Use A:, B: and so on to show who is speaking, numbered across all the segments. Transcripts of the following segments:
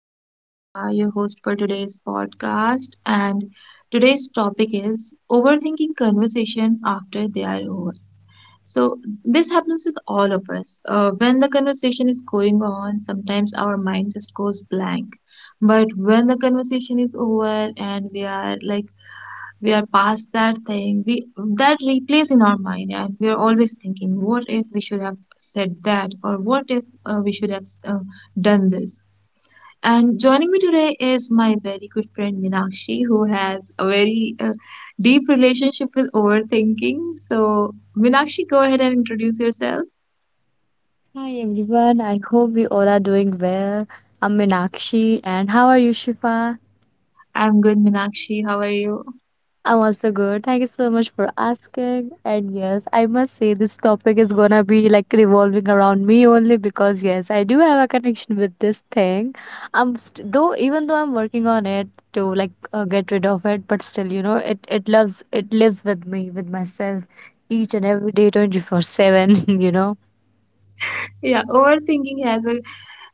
A: I'm Shifa, your host for today's podcast, and today's topic is overthinking conversation after they are over. So this happens with all of us. When the conversation is going on, sometimes our mind just goes blank. But when the conversation is over and we are past that thing, we that replays in our mind, and we are always thinking, what if we should have said that, or what if we should have done this, and joining me today is my very good friend Minakshi, who has a very deep relationship with overthinking. So, Minakshi, go ahead and introduce yourself.
B: Hi everyone, I hope we all are doing well. I'm Minakshi, and how are you, Shifa?
A: I'm good, Minakshi. How are you?
B: I'm also good. Thank you so much for asking. And yes, I must say this topic is gonna be like revolving around me only because yes, I do have a connection with this thing. I'm st though Even though I'm working on it to like get rid of it, but still, it lives with me, with myself each and every day, 24/7, you know.
A: Yeah, overthinking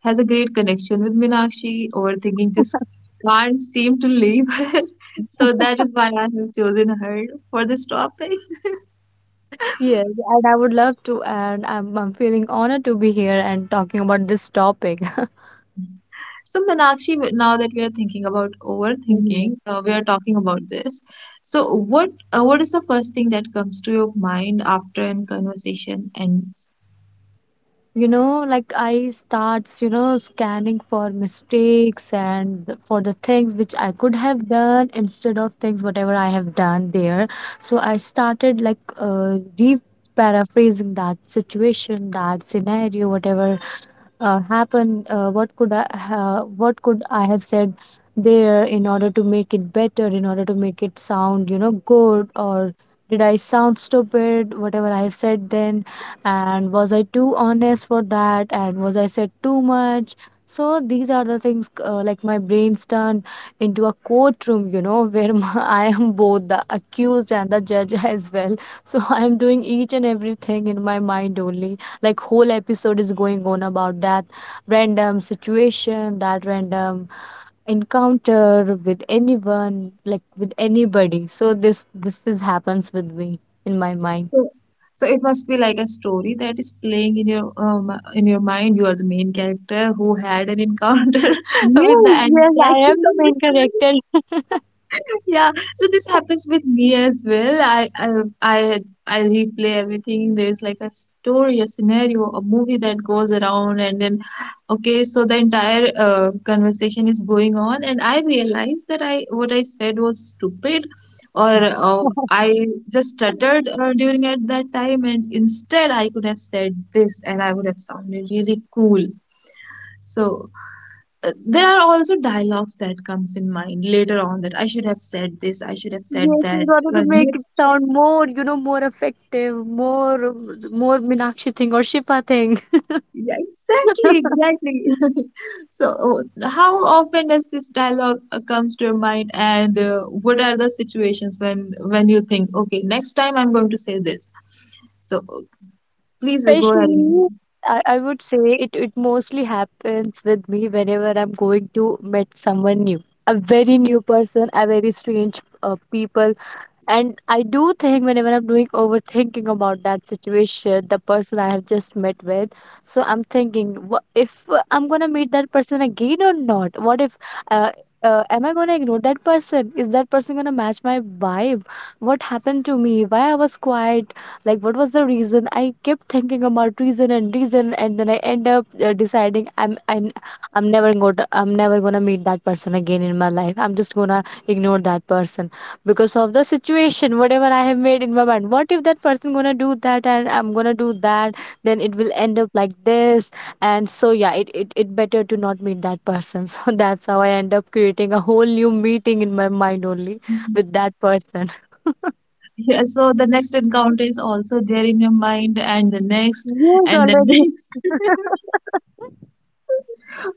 A: has a great connection with Minakshi. Overthinking just can't seem to leave her. So that is why I have chosen her for this topic.
B: Yes, and I would love to, and I'm feeling honored to be here and talking about this topic.
A: So, Meenakshi, now that we are thinking about
B: Mhm.
A: overthinking, we are talking about this. So, what is the first thing that comes to your mind after a conversation ends?
B: Like I starts, scanning for mistakes and for the things which I could have done instead of things whatever I have done there. So I started like re paraphrasing that situation, that scenario, whatever happen. What could I have said there in order to make it better, in order to make it sound good, or did I sound stupid whatever I have said then, and was I too honest for that, and was I said too much. So these are the things, like my brain's turned into a courtroom, where I am both the accused and the judge as well. So I am doing each and everything in my mind only, like whole episode is going on about that random situation, that random encounter with anyone, like with anybody. So this is happens with me in my mind.
A: So, so it must be like a story that is playing in your mind. You are the main character who had an encounter with
B: Yes,
A: the
B: yes, I
A: antagonist.
B: am the main character.
A: Yeah, so this happens with me as well. I I replay everything. There's like a story, a scenario, a movie that goes around, and then okay, so the entire conversation is going on, and I realize that I what I said was stupid, or uh, I just stuttered during at that time, and instead I could have said this, and I would have sounded really cool. So there are also dialogues that comes in mind later on, that I should have said this, I should have said
B: Yes, in
A: that.
B: order to make
A: Next
B: it sound more, more effective, more Meenakshi thing or Shifa thing.
A: Yeah, exactly. So how often does this dialogue comes to your mind, and what are the situations when you think, okay, next time I'm going to say this, so please go ahead and do
B: Especially,
A: it.
B: I would say it mostly happens with me whenever I'm going to meet someone new, a very new person, a very strange people. And I do think whenever I'm doing overthinking about that situation, the person I have just met with. So I'm thinking, if I'm gonna meet that person again or not? What if, uh, am I gonna ignore that person? Is that person gonna match my vibe? What happened to me? Why I was quiet? Like, what was the reason? I kept thinking about reason and reason, and then I end up deciding I'm never gonna meet that person again in my life. I'm just gonna ignore that person because of the situation whatever I have made in my mind. What if that person gonna do that, and I'm gonna do that? Then it will end up like this. And so yeah, it better to not meet that person. So that's how I end up creating a whole new meeting in my mind only
A: Mhm.
B: with that person.
A: Yeah, so the next encounter is also there in your mind, and the next
B: Yes,
A: and the
B: already.
A: next.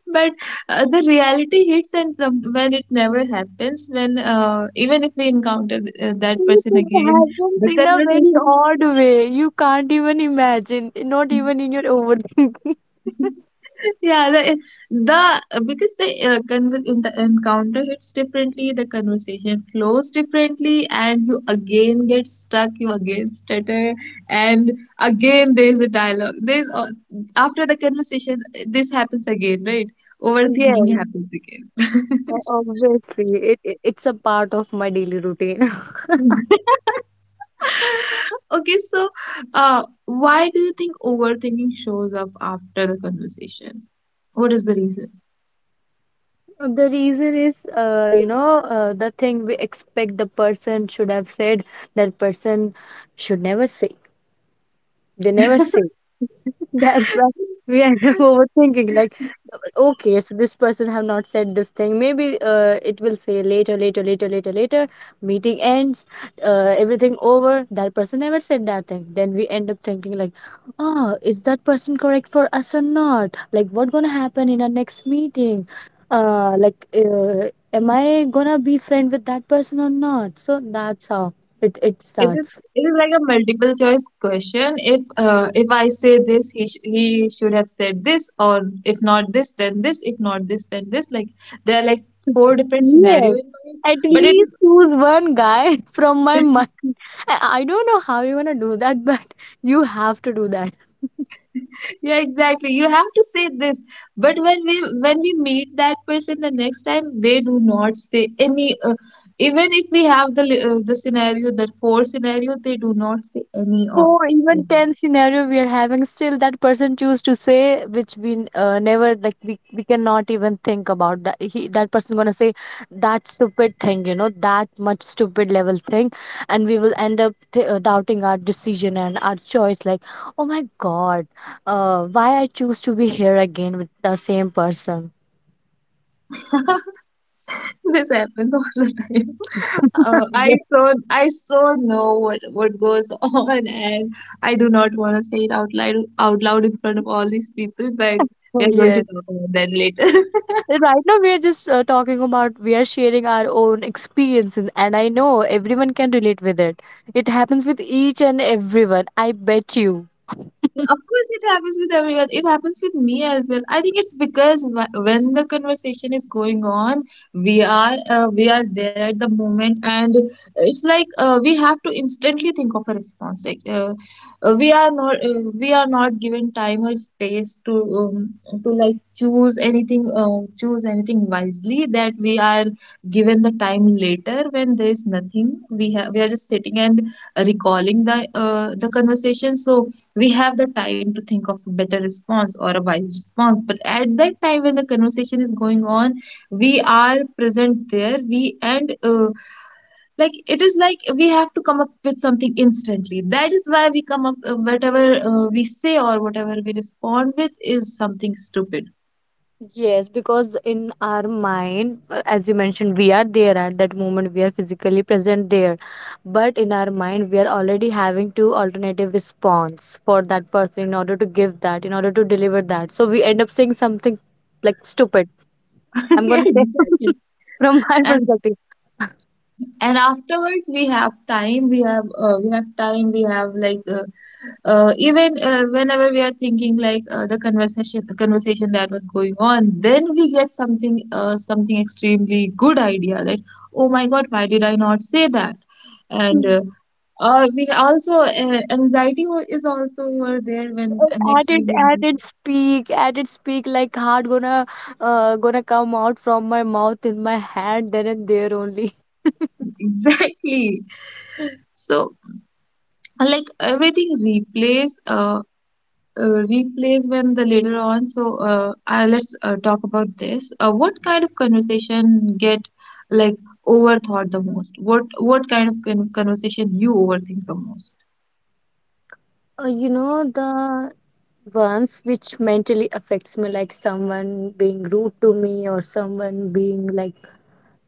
A: But the reality hits, and some, when it never happens, when even if we encounter that person
B: It
A: again,
B: happens
A: the
B: in a very
A: conversation,
B: odd way, you can't even imagine, not even in your overthinking.
A: yeah, the because the encounter hits differently, the conversation flows differently, and you again get stuck, you again stutter, and again there's a dialogue. After the conversation, this happens again, right? Overthinking
B: Yes.
A: happens again.
B: Obviously, it's a part of my daily routine.
A: Okay, so why do you think overthinking shows up after the conversation? What is the reason?
B: The reason is, the thing we expect the person should have said, that person should never say. They never say. That's why we end up overthinking. Like, okay, so this person have not said this thing. Maybe it will say later, later, later, later, later. Meeting ends, everything over. That person never said that thing. Then we end up thinking like, oh, is that person correct for us or not? Like, what gonna happen in our next meeting? Like, am I gonna be friend with that person or not? So that's how it
A: It is
B: starts.
A: it is like a multiple choice question. If I say this, he should have said this, or if not this, then this. If not this, then this. Like there are like four different scenario
B: Yes,
A: in mind,
B: at
A: but it is
B: least choose one guy from my mind. I don't know how you're gonna do that, but you have to do that.
A: Yeah, exactly. You have to say this. But when we meet that person the next time, they do not say any. Even if we have the the scenario, that four scenario, they do not say any or
B: Four, even
A: anything.
B: 10 we are having, still that person choose to say which we never like, we cannot even think about that he that person gonna say that stupid thing, that much stupid level thing. And we will end up doubting our decision and our choice. Like, oh my god, why I choose to be here again with the same person.
A: This happens all the time. Uh, I so I so know what goes on, and I do not want to say it out loud in front of all these people. But we are going to
B: Yes.
A: talk about that later.
B: Right now, we are just talking about, we are sharing our own experiences, and I know everyone can relate with it. It happens with each and everyone. I bet you.
A: Yeah, of course, it happens with everyone. It happens with me as well. I think it's because when the conversation is going on, we are there at the moment, and it's like we have to instantly think of a response. Like we are not given time or space um, to like choose anything wisely. That we are given the time later when there is nothing. We are just sitting and recalling the conversation. So we have the time to think of a better response or a wise response, but at that time when the conversation is going on, we are present there, we and like it is like we have to come up with something instantly. That is why we come up, whatever we say or whatever we respond with is something stupid.
B: Yes, because in our mind, as you mentioned, we are there at that moment, we are physically present there. But in our mind, we are already having two alternative response for that person in order to give that, in order to deliver that. So we end up saying something like stupid. I'm going
A: Yeah,
B: to say
A: exactly.
B: from my
A: and
B: perspective.
A: and afterwards we have time, we have time, we have like even whenever we are thinking like the conversation that was going on, then we get something, something extremely good idea that, oh my god, why did I not say that? And we also anxiety is also over there when
B: Oh,
A: next time
B: added
A: we
B: added speak, added speak, like heart gonna gonna come out from my mouth in my hand then and there only.
A: exactly. So like everything replays, replays when the later on. So let's talk about this. What kind of conversation get like overthought the most? What kind of conversation you overthink the most?
B: You know the ones which mentally affects me, like someone being rude to me or someone being like,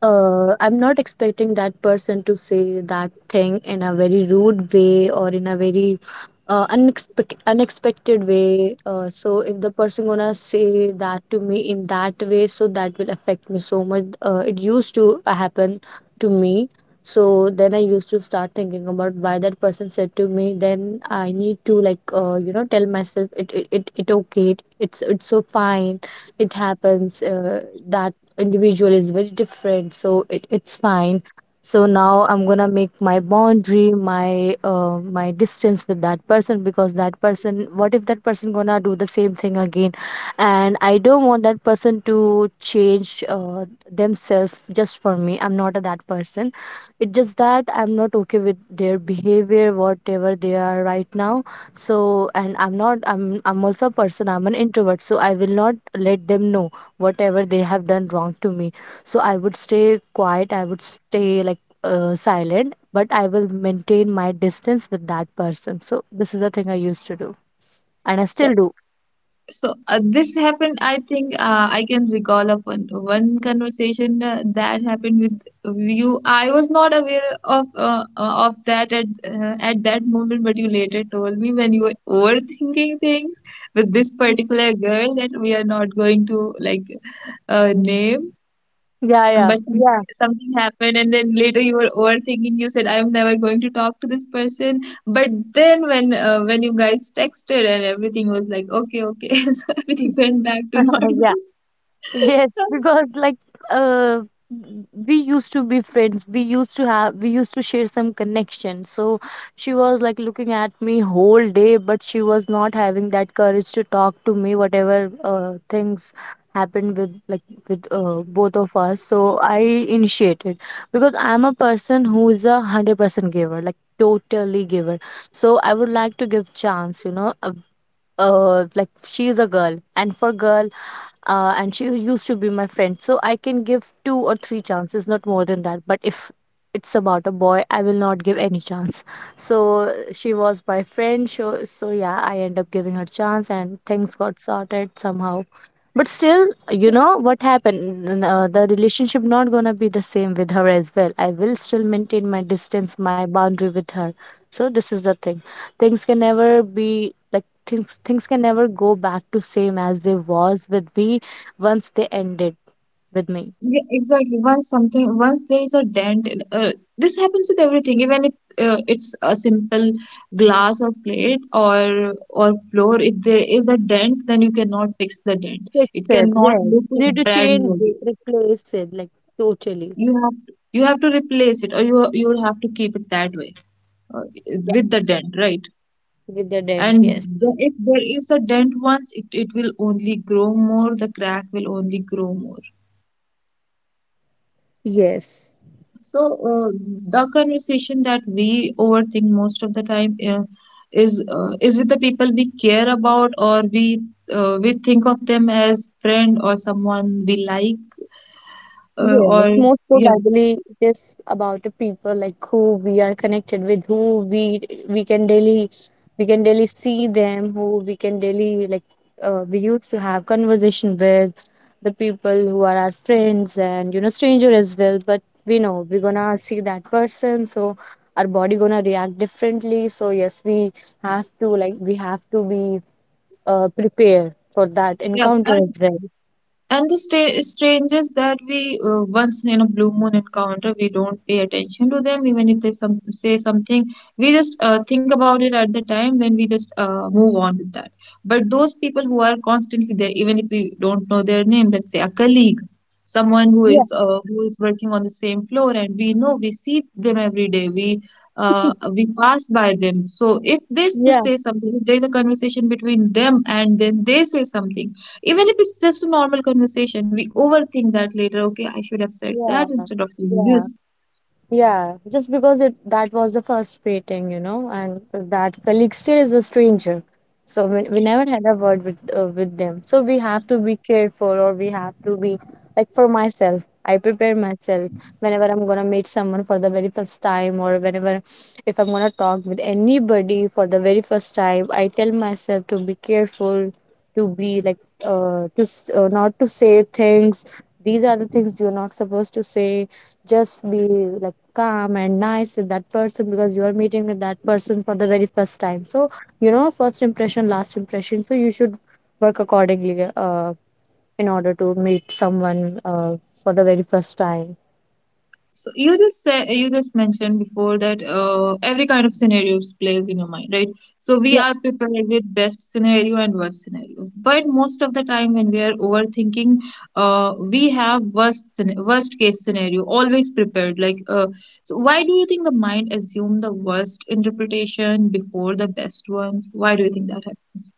B: I'm not expecting that person to say that thing in a very rude way, or in a very unexpected way. So if the person gonna say that to me in that way, so that will affect me so much. It used to happen to me. So then I used to start thinking about why that person said to me. Then I need to like tell myself it okay. It's so fine. It happens. That individual is very different, so it's fine. So now I'm gonna make my boundary, my distance with that person, because that person, what if that person gonna do the same thing again? And I don't want that person to change themselves just for me. I'm not a that person. It's just that I'm not okay with their behavior whatever they are right now. So and I'm not I'm I'm also a person, I'm an introvert, so I will not let them know whatever they have done wrong to me. So I would stay quiet, I would stay like silent, but I will maintain my distance with that person. So this is the thing I used to do, and I still do.
A: So this happened. I think I can recall of one conversation that happened with you. I was not aware of that at that moment, but you later told me when you were overthinking things with this particular girl that we are not going to like name.
B: Yeah, yeah,
A: But
B: yeah.
A: something happened, and then later you were overthinking. You said, "I'm never going to talk to this person." But then, when you guys texted and everything was like, "Okay, okay," so everything went back to normal.
B: Yeah. Yes, because like uh we used to be friends. We used to share some connection. So she was like looking at me whole day, but she was not having that courage to talk to me whatever things happened with, like with both of us. So I initiated, because I'm a person who is 100% giver, like totally giver. So I would like to give chance. Like she is a girl, and for girl and she used to be my friend, so I can give two or three chances, not more than that. But if it's about a boy, I will not give any chance. So she was my friend, so yeah, I end up giving her chance, and things got sorted somehow. But still, you know what happened, the relationship not gonna be the same with her as well. I will still maintain my distance, my boundary with her. So this is the thing. Things can never be like, things can never go back to same as they was with me once they ended with me.
A: Yeah, exactly. Once something, once there is a dent, this happens with everything. Even if it's a simple glass or plate or floor, if there is a dent, then you cannot fix the dent.
B: Fix
A: It
B: it,
A: cannot
B: yes.
A: look
B: You need
A: like
B: to
A: brand
B: change it,
A: new.
B: replace it, like totally.
A: You have to replace it, or you will have to keep it that way uh,
B: Yeah,
A: with the dent, right?
B: with the dent,
A: And
B: yes.
A: the, if there is a dent once, it will only grow more, the crack will only grow more.
B: Yes.
A: So uh, the conversation that we overthink most of the time is with the people we care about, or we think of them as friend or someone we like, uh,
B: Yes,
A: or
B: most
A: yeah
B: probably it is about the people like who we are connected with, who we can daily we can daily see them, who we can daily like, we used to have conversation with the people who are our friends, and stranger as well. But we know we're gonna see that person, so our body gonna react differently. So yes, we have to be prepared for that
A: yeah.
B: encounter as well.
A: And the strangers that we once in a blue moon encounter, we don't pay attention to them, even if they some say something, we just think about it at the time, then we just move on with that. But those people who are constantly there, even if we don't know their name, let's say a colleague, someone
B: Yeah.
A: who is working on the same floor, and we know we see them every day, uh, we pass by them. So if this they say something, if there is a conversation between them and then they say something, even if it's just a normal conversation, we overthink that later. Okay, I should have said that
B: Yeah,
A: instead of doing
B: yeah.
A: this.
B: Yeah, just because it that was the first meeting, and that colleague still is a stranger. So we never had a word with with them. So we have to be careful, or we have to be like, for myself. I prepare myself whenever I'm gonna meet someone for the very first time, or whenever if I'm gonna talk with anybody for the very first time. I tell myself to be careful, to be like not to say things. These are the things you're not supposed to say, just be like calm and nice with that person because you are meeting with that person for the very first time. So you know, first impression last impression, so you should work accordingly in order to meet someone for the very first time.
A: So you just mentioned before that every kind of scenarios plays in your mind, right? So we are prepared with best scenario and worst scenario. But most of the time when we are overthinking, we have worst case scenario always prepared. Like so why do you think the mind assume the worst interpretation before the best ones? Why do you think that happens?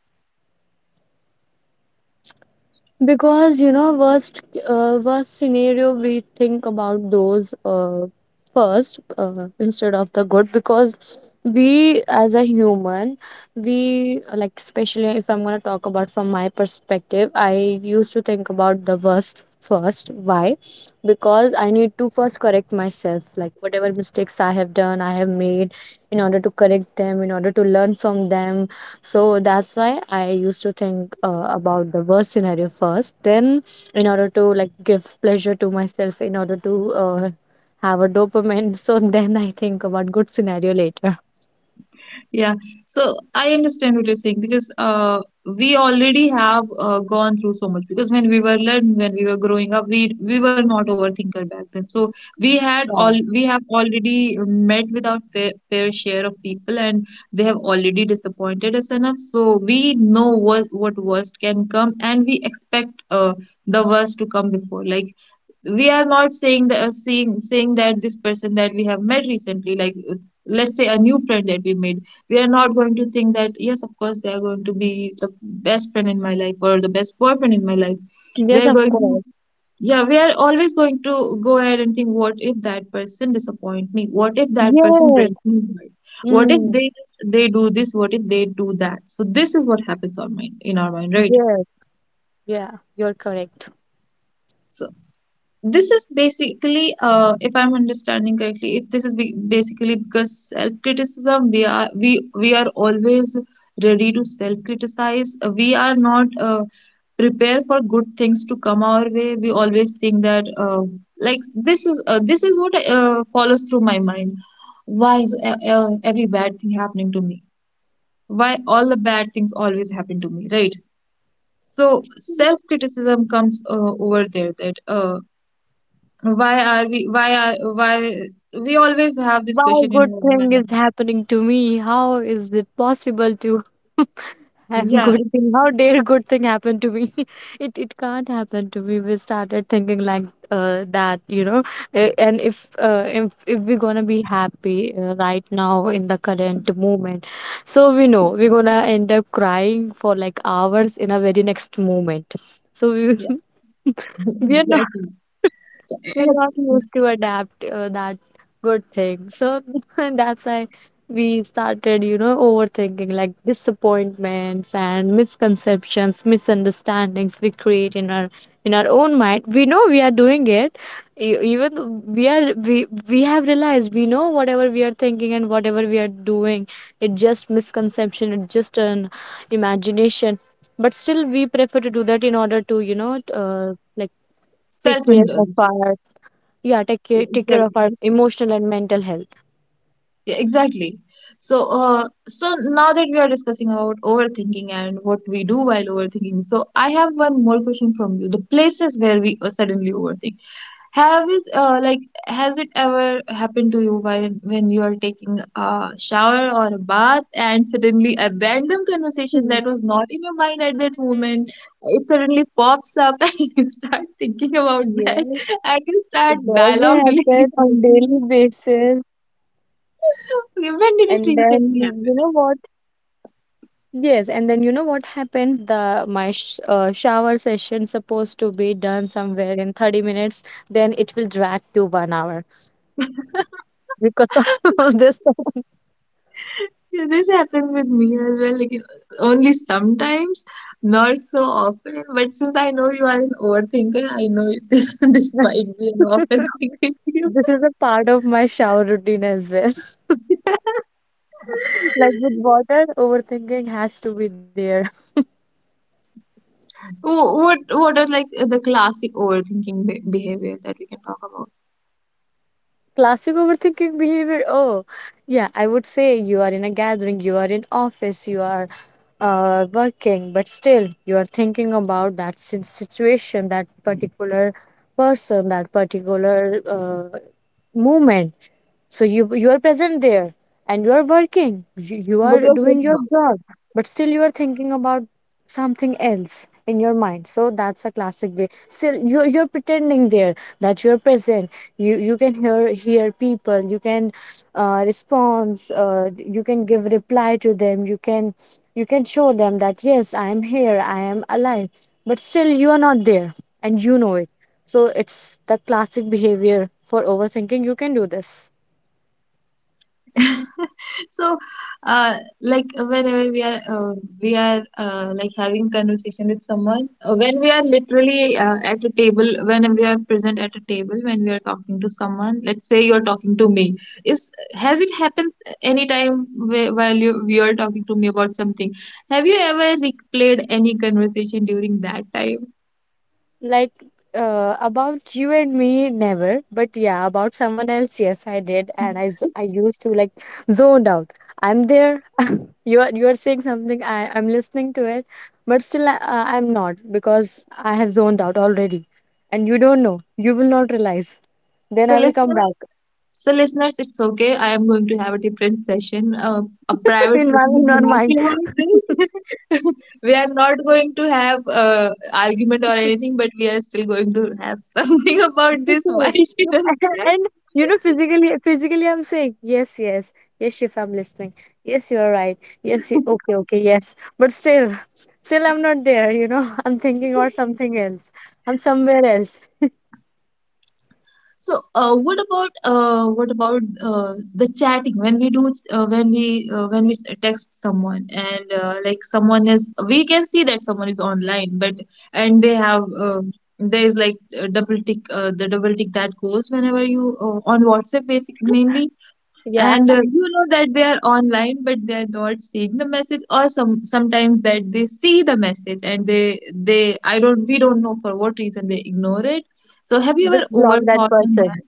B: Because you know, worst scenario, we think about those first instead of the good. Because we, as a human, we like, especially if I'm gonna talk about from my perspective, I used to think about the worst first. Why? Because I need to first correct myself, like whatever mistakes I have done, I have made, in order to correct them, in order to learn from them. So that's why I used to think about the worst scenario first. Then, in order to like give pleasure to myself, in order to have a dopamine, so then I think about good scenario later.
A: Yeah, so I understand what you're saying, because we already have gone through so much. Because when we were learning, when we were growing up, we were not overthinker back then. So we had all
B: Yeah.
A: we have already met with our fair share of people, and they have already disappointed us enough. So we know what worst can come, and we expect the worst to come before. Like we are not saying that saying that this person that we have met recently, like let's say a new friend that we made, we are not going to think that yes, of course, they are going to be the best friend in my life or the best boyfriend in my life. We
B: Yes,
A: are
B: of
A: going to,
B: course.
A: yeah, we are always going to go ahead and think, what if that person disappoint me, what if that person
B: Yes.
A: breaks me heart? What if
B: Mm.
A: they they do this. What if they do that? So this is what happens on mind in our mind right?
B: Yes. Yeah, you're correct.
A: So, this is basically, if I'm understanding correctly, if this is basically because self criticism, we are we are always ready to self criticize. We are not prepared for good things to come our way. We always think that like this is what follows through my mind. Why is every bad thing happening to me? Why all the bad things always happen to me, right? So self criticism comes over there, that why are we, why are, why, we always have this
B: Why
A: question in
B: good
A: our
B: thing is
A: mind.
B: happening to me? How is it possible to have
A: Yeah,
B: good
A: it's,
B: thing? How dare good thing happen to me? It can't happen to me. We started thinking like that, you know. And if if we're gonna be happy right now in the current moment, so we know we're gonna end up crying for like hours in a very next moment. So we
A: yeah,
B: we are
A: exactly. So,
B: we're not used to adapt that good thing. So that's why we started, you know, overthinking like disappointments and misconceptions, misunderstandings we create in our own mind. We know we are doing it. E- Even though we have realized, we know whatever we are thinking and whatever we are doing, it's just misconception. It's just an imagination. But still, we prefer to do that in order to, you know, like take care of
A: self-indulge.
B: our, yeah, take care of
A: Exactly.
B: our emotional and mental health.
A: Yeah, exactly. So, so now that we are discussing about overthinking and what we do while overthinking, so I have one more question from you. The places where we suddenly overthink, have it like has it ever happened to you while when you are taking a shower or a bath and suddenly a random conversation that was
B: Hmm.
A: not in your mind at that moment, it suddenly pops up and you start thinking about that
B: Yes,
A: and you start
B: it does
A: dialogue
B: happen on daily
A: delivering.
B: basis.
A: Okay,
B: And
A: when did it
B: then you know
A: recently
B: what?
A: happen?
B: Yes, and then you know what happened? The my shower session supposed to be done somewhere in 30 minutes, then it will drag to 1 hour because of this.
A: Yeah, this happens with me as well. Like only sometimes, not so often. But since I know you are an overthinker, I know this this might be an often thing with you.
B: This is a part of my shower routine as well. Like, with water overthinking has to be there.
A: What are like the classic overthinking behavior that we can talk about?
B: Classic overthinking behavior. Oh, yeah, I would say you are in a gathering, you are in office, you are working, but still you are thinking about that situation, that particular person, that particular moment. So you are present there and you are working, you
A: But
B: are
A: you're saying
B: doing your job, but still you are thinking about something else in your mind. So that's a classic way. Still you you're pretending there that you're present. You you can hear people, you can response, you can give reply to them, you can show them that yes, I am here, I am alive, but still you are not there, and you know it. So it's the classic behavior for overthinking you can do this.
A: so uh, like whenever we are like having conversation with someone, when we are literally at a table, when we are present at a table, when we are talking to someone, let's say you're talking to me, is, has it happened anytime while you are talking to me about something, have you ever replayed any conversation during that time?
B: Like about you and me, never. But yeah, about someone else, yes, I did, and I used to like zoned out. I'm there. You are saying something. I'm listening to it, but still I'm not, because I have zoned out already, and you don't know. You will not realize. Then
A: So
B: I will come
A: listener,
B: back
A: so, listeners, it's okay. I am going to have a different session, a private
B: in my
A: session
B: in
A: with
B: your
A: Meenakshi
B: mind.
A: about this. We are not going to have argument or anything, but we are still going to have something about
B: Yes.
A: this. Why she does that?
B: And you know, physically, physically, I'm saying yes, yes, yes, Shifa, I'm listening. Yes, you are right. Yes, you, okay, okay, yes. But still, still, I'm not there. You know, I'm thinking or something else. I'm somewhere else.
A: So, what about the chatting when we do when we text someone, and like someone is, we can see that someone is online, but and they have the double tick that goes whenever you on WhatsApp basic mainly,
B: Yeah,
A: and you know that they are online but they are not seeing the message, or sometimes that they see the message and they I don't, we don't know for what reason they ignore it. So have you
B: just
A: ever
B: block that
A: overthought on
B: person.
A: that?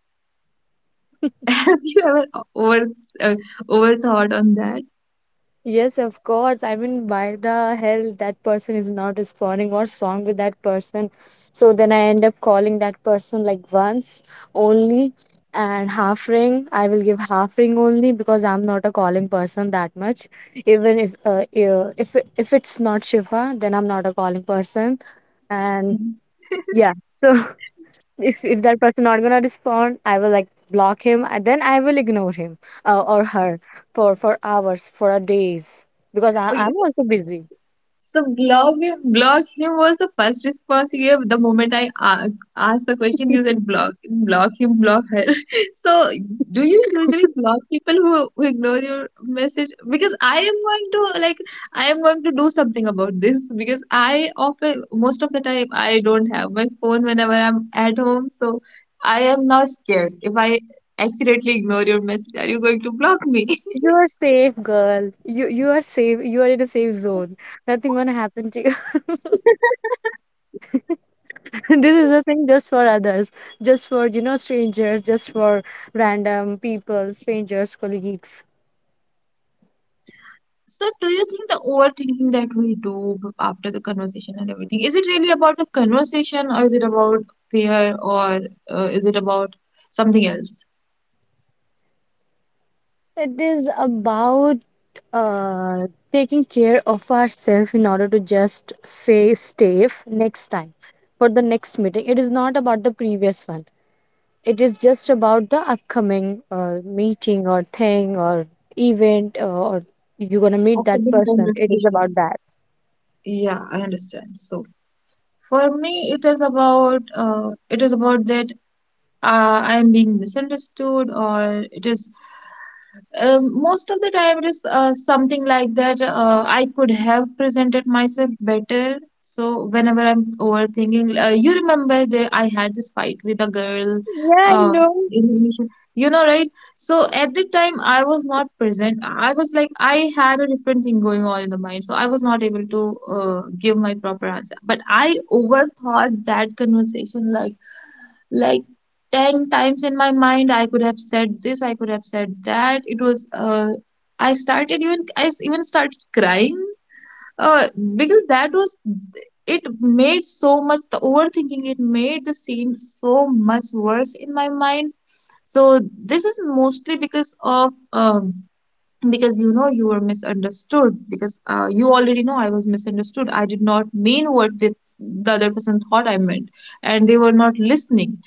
A: Have you ever over uh, overthought on that?
B: Yes, of course. I mean, why the hell that person is not responding? What's wrong with that person? So then I end up calling that person like once only and half ring. I will give half ring only because I'm not a calling person that much. Even if it's not Shiva, then I'm not a calling person. And
A: Mm.
B: yeah, so if that person not gonna respond, I will like block him and then I will ignore him or her for hours, for a days, because
A: Okay.
B: I'm also busy.
A: So block him was the first response you gave the moment I asked the question. You said block, block him, block her. So do you usually block people who ignore your message? Because I am going to like, I am going to do something about this, because I often, most of the time I don't have my phone whenever I'm at home. So I am now scared if I accidentally ignore your message. Are you going to block me?
B: You are safe, girl. You are safe, you are in a safe zone. Nothing gonna happen to you. This is a thing just for others, just for you know, strangers, just for random people, strangers, colleagues.
A: So, do you think the overthinking that we do after the conversation and everything, is it really about the conversation or is it about fear or is it about something else?
B: It is about uh, taking care of ourselves in order to just say safe next time for the next meeting. It is not about the previous one. It is just about the upcoming meeting or thing or event or you're gonna meet
A: After
B: that
A: the
B: person. It is about
A: conversation.
B: that.
A: Yeah, I understand. So, for me, it is about that I am being misunderstood, or it is, um, most of the time, it is something like that. I could have presented myself better. So whenever I'm overthinking, you remember that I had this fight with a girl,
B: Yeah, I
A: uh,
B: know.
A: in relation. You know, right? So at the time, I was not present. I was like, I had a different thing going on in the mind, so I was not able to give my proper answer. But I overthought that conversation like like 10 times in my mind. I could have said this, I could have said that. It was I started, even I even started crying, uh, because that was, it made so much, the overthinking, it made the scene so much worse in my mind. So this is mostly because of, because you know, you were misunderstood, because you already know I was misunderstood. I did not mean what the other person thought I meant, and they were not listening,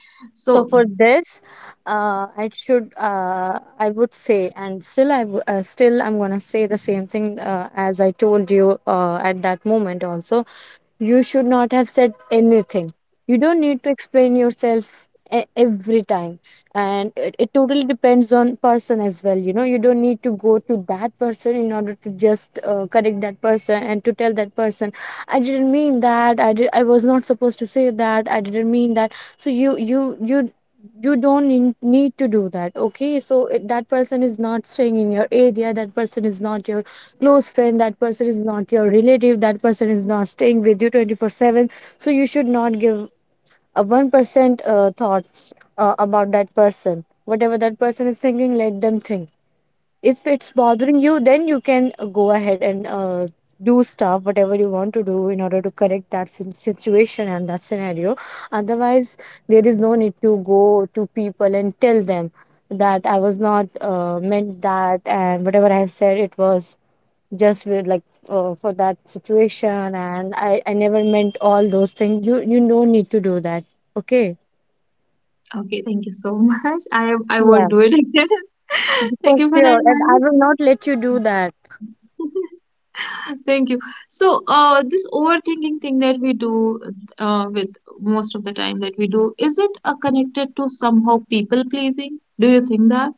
B: So
A: so
B: for this, I would say, and still still I'm gonna say the same thing as I told you at that moment also. You should not have said anything. You don't need to explain yourself every time. And it totally depends on person as well. You know, you don't need to go to that person in order to just correct that person and to tell that person, I didn't mean that. I was not supposed to say that. I didn't mean that. So you you don't need to do that. Okay, that person is not staying in your area, that person is not your close friend, that person is not your relative, that person is not staying with you 24/7. So you should not give a 1% thought about that person. Whatever that person is thinking, let them think. If it's bothering you, then you can go ahead and do stuff whatever you want to do in order to correct that situation and that scenario. Otherwise, there is no need to go to people and tell them that I was not meant that, and whatever I said it was just with like for that situation, and I never meant all those things. You don't need to do that. Okay.
A: okay, thank you so much. I won't
B: Yeah,
A: do it again.
B: you-
A: Thank
B: for
A: you for that,
B: sure, and I
A: Manu.
B: will not let you do that.
A: Thank you. So, this overthinking thing that we do, with most of the time that we do, is it connected to somehow people pleasing? Do you think that?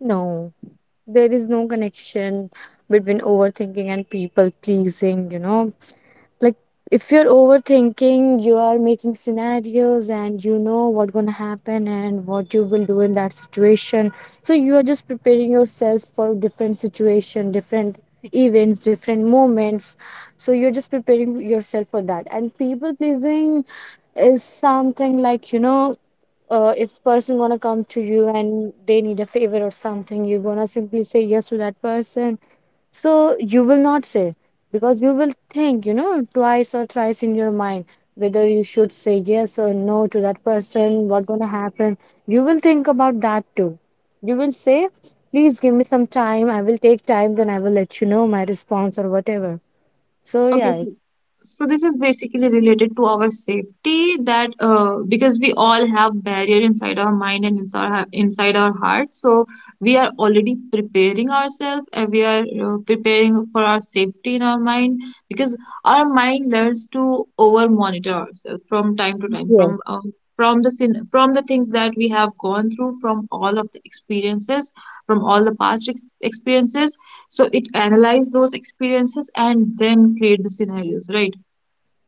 B: No, there is no connection between overthinking and people pleasing, you know. Like if you're overthinking, you are making scenarios and you know what gonna happen and what you will do in that situation. So you are just preparing yourself for different situation, different events, different moments. So you're just preparing yourself for that. And people pleasing is something like, you know, if person gonna come to you and they need a favor or something, you're gonna simply say yes to that person. So you will not say, because you will think, you know, twice or thrice in your mind whether you should say yes or no to that person, what's gonna happen. You will think about that too. You will say, please give me some time, I will take time, then I will let you know my response or whatever. So
A: Okay,
B: yeah.
A: so so this is basically related to our safety, that because we all have barrier inside our mind and inside inside our heart, so we are already preparing ourselves, and we are preparing for our safety in our mind, because our mind learns to over monitor ourselves from time to time from,
B: Yes.
A: from the sin, from the things that we have gone through, from all of the experiences, from all the past experiences, so it analyze those experiences and then create the scenarios, right?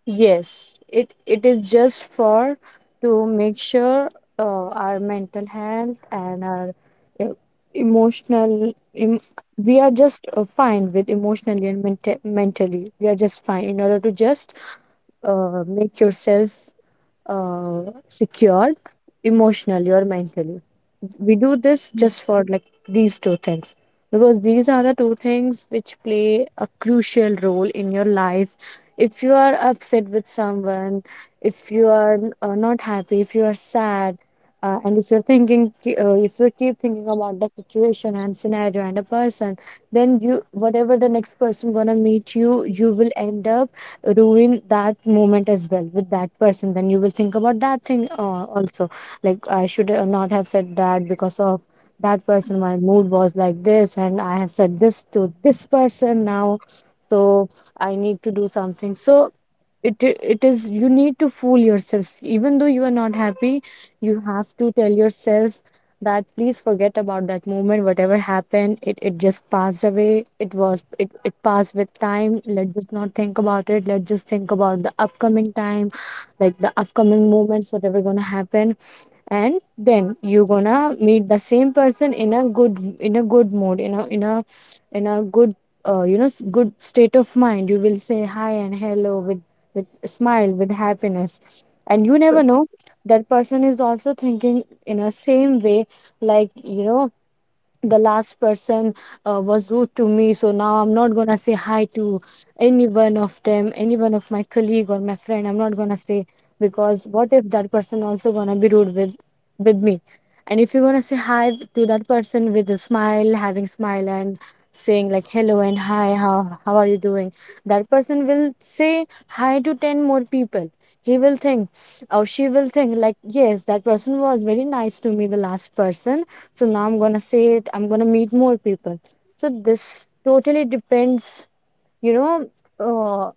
B: Yes, it is just for to make sure our mental health and our uh, emotional em, we are just fine with emotionally and mente mentally. We are just fine in order to just make yourself uh, secured emotionally or mentally. We do this just for like these two things, because these are the 2 things which play a crucial role in your life. If you are upset with someone, if you are not happy, if you are sad, and if you're thinking, if you keep thinking about the situation and scenario and a person, then you whatever the next person gonna meet you, you will end up ruin that moment as well with that person. Then you will think about that thing also, like I should not have said that because of that person my mood was like this, and I have said this to this person now. So I need to do something. So it it is, you need to fool yourself. Even though you are not happy, you have to tell yourself that please forget about that moment. Whatever happened, it just passed away. It was, it passed with time. Let's just not think about it. Let's just think about the upcoming time, like the upcoming moments whatever gonna happen. And then you gonna meet the same person in a good, in a good mood, in a in a in a good you know good state of mind. You will say hi and hello with smile, with happiness, and you
A: So,
B: never know that person is also thinking in a same way, like you know, the last person was rude to me, so now I'm not gonna say hi to any one of them, any one of my colleague or my friend, I'm not gonna say, because what if that person also gonna be Rude with me. And if you're gonna say hi to that person with a smile, having smile, and saying like hello and hi, how are you doing, that person will say hi to 10 more people. He will think, or she will think like, yes, that person was very nice to me, the last person. So now I'm gonna say it, I'm gonna meet more people. So this totally depends, you know, uh,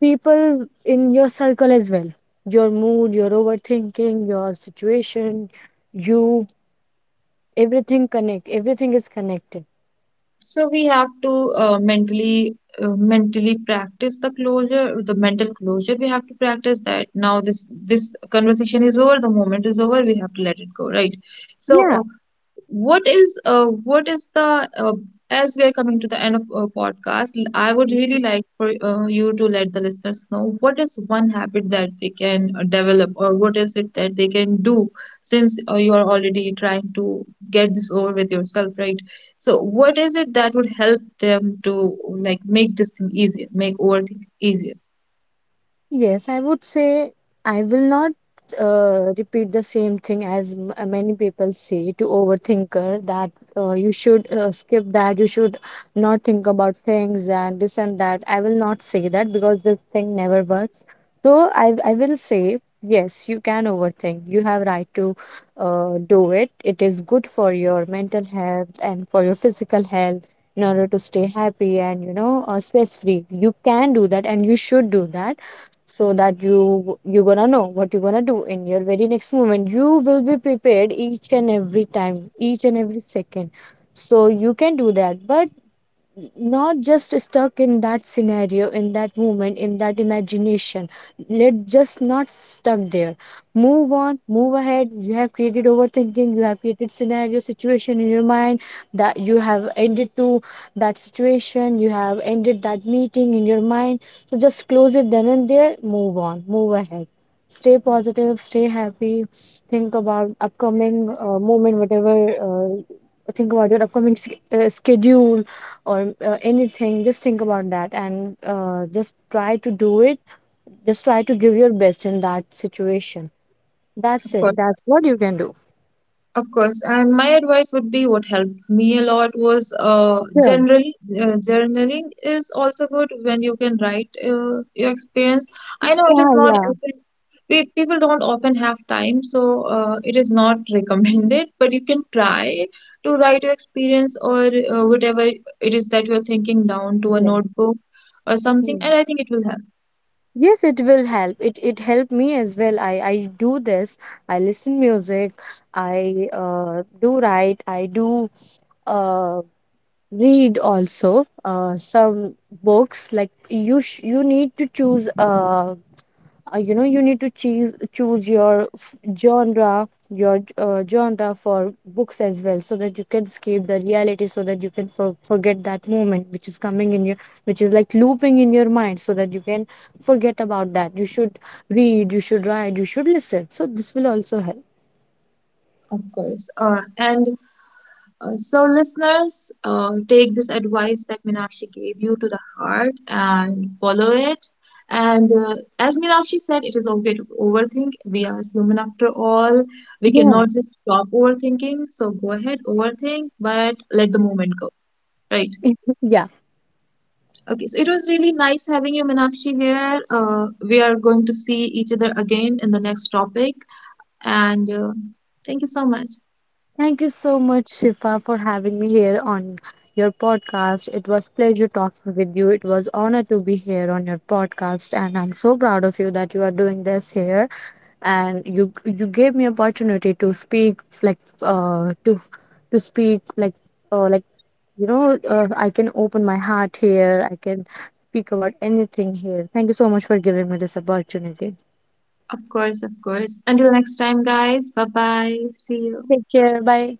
B: people in your circle as well. Your mood, your overthinking, your situation, you, everything connect, everything is connected.
A: so we have to mentally practice the closure, the mental closure. We have to practice that. Now this conversation is over. The moment is over. We have to let it go, right? So
B: Yeah.
A: what is the, as we are coming to the end of our podcast, I would really like for you to let the listeners know what is one habit that they can develop, or what is it that they can do, since you are already trying to get this over with yourself, right? So what is it that would help them to like make this thing easier, make overthink easier?
B: Yes, I would say I will not repeat the same thing as many people say to overthinker, that you should skip that, you should not think about things and this and that. I will not say that, because this thing never works. So I will say, yes, you can overthink. You have right to do it. It is good for your mental health and for your physical health in order to stay happy and, you know, stress free. You can do that, and you should do that, so that you're gonna know what you're gonna do in your very next moment. You will be prepared each and every time, each and every second. So you can do that, but not just stuck in that scenario, in that moment, in that imagination. Let just not stuck there. Move on, move ahead. You have created overthinking, you have created scenario, situation in your mind, that you have ended to that situation, you have ended that meeting in your mind. So just close it then and there. Move on, move ahead. Stay positive, stay happy. Think about upcoming moment, whatever. Think about your upcoming schedule, or anything. Just think about that, and just try to do it. Just try to give your best in that situation. That's
A: Of
B: it,
A: course.
B: that's what you can do.
A: Of course, and my advice would be what helped me a lot was
B: Sure.
A: generally, journaling is also good when you can write your experience. I know it
B: Yeah,
A: is not
B: yeah.
A: often, we, people don't often have time, so it is not recommended, but you can try to write your experience, or whatever it is that you're thinking, down to a
B: Yes.
A: notebook or something,
B: Yeah.
A: and I think it will help,
B: Yes, it will help. It helped me as well. I do this. I listen music. I do write. I do uh, read also, some books. Like, you need to choose, you know, you need to choose your genre, your genre for books as well, so that you can escape the reality, so that you can forget that moment which is coming in your, which is like looping in your mind, so that you can forget about that. You should read, you should write, you should listen, so this will also help.
A: of course. And uh, so, listeners, take this advice that Minakshi gave you to the heart and follow it. And as Minakshi said, it is okay to overthink. We are human after all. We
B: Yeah.
A: cannot just stop overthinking. So, go ahead, overthink, but let the moment go. Right.
B: Yeah.
A: Okay. So, it was really nice having you, Minakshi, here. We are going to see each other again in the next topic. And thank you so much.
B: Thank you so much, Shifa, for having me here on your podcast. It was pleasure talking with you. It was honor to be here on your podcast, and I'm so proud of you that you are doing this here. And you gave me opportunity to speak, like, to to speak, like, you know, I can open my heart here. I can speak about anything here. Thank you so much for giving me this opportunity.
A: Of course, of course. Until next time, guys. Bye bye. See you.
B: Take care. Bye.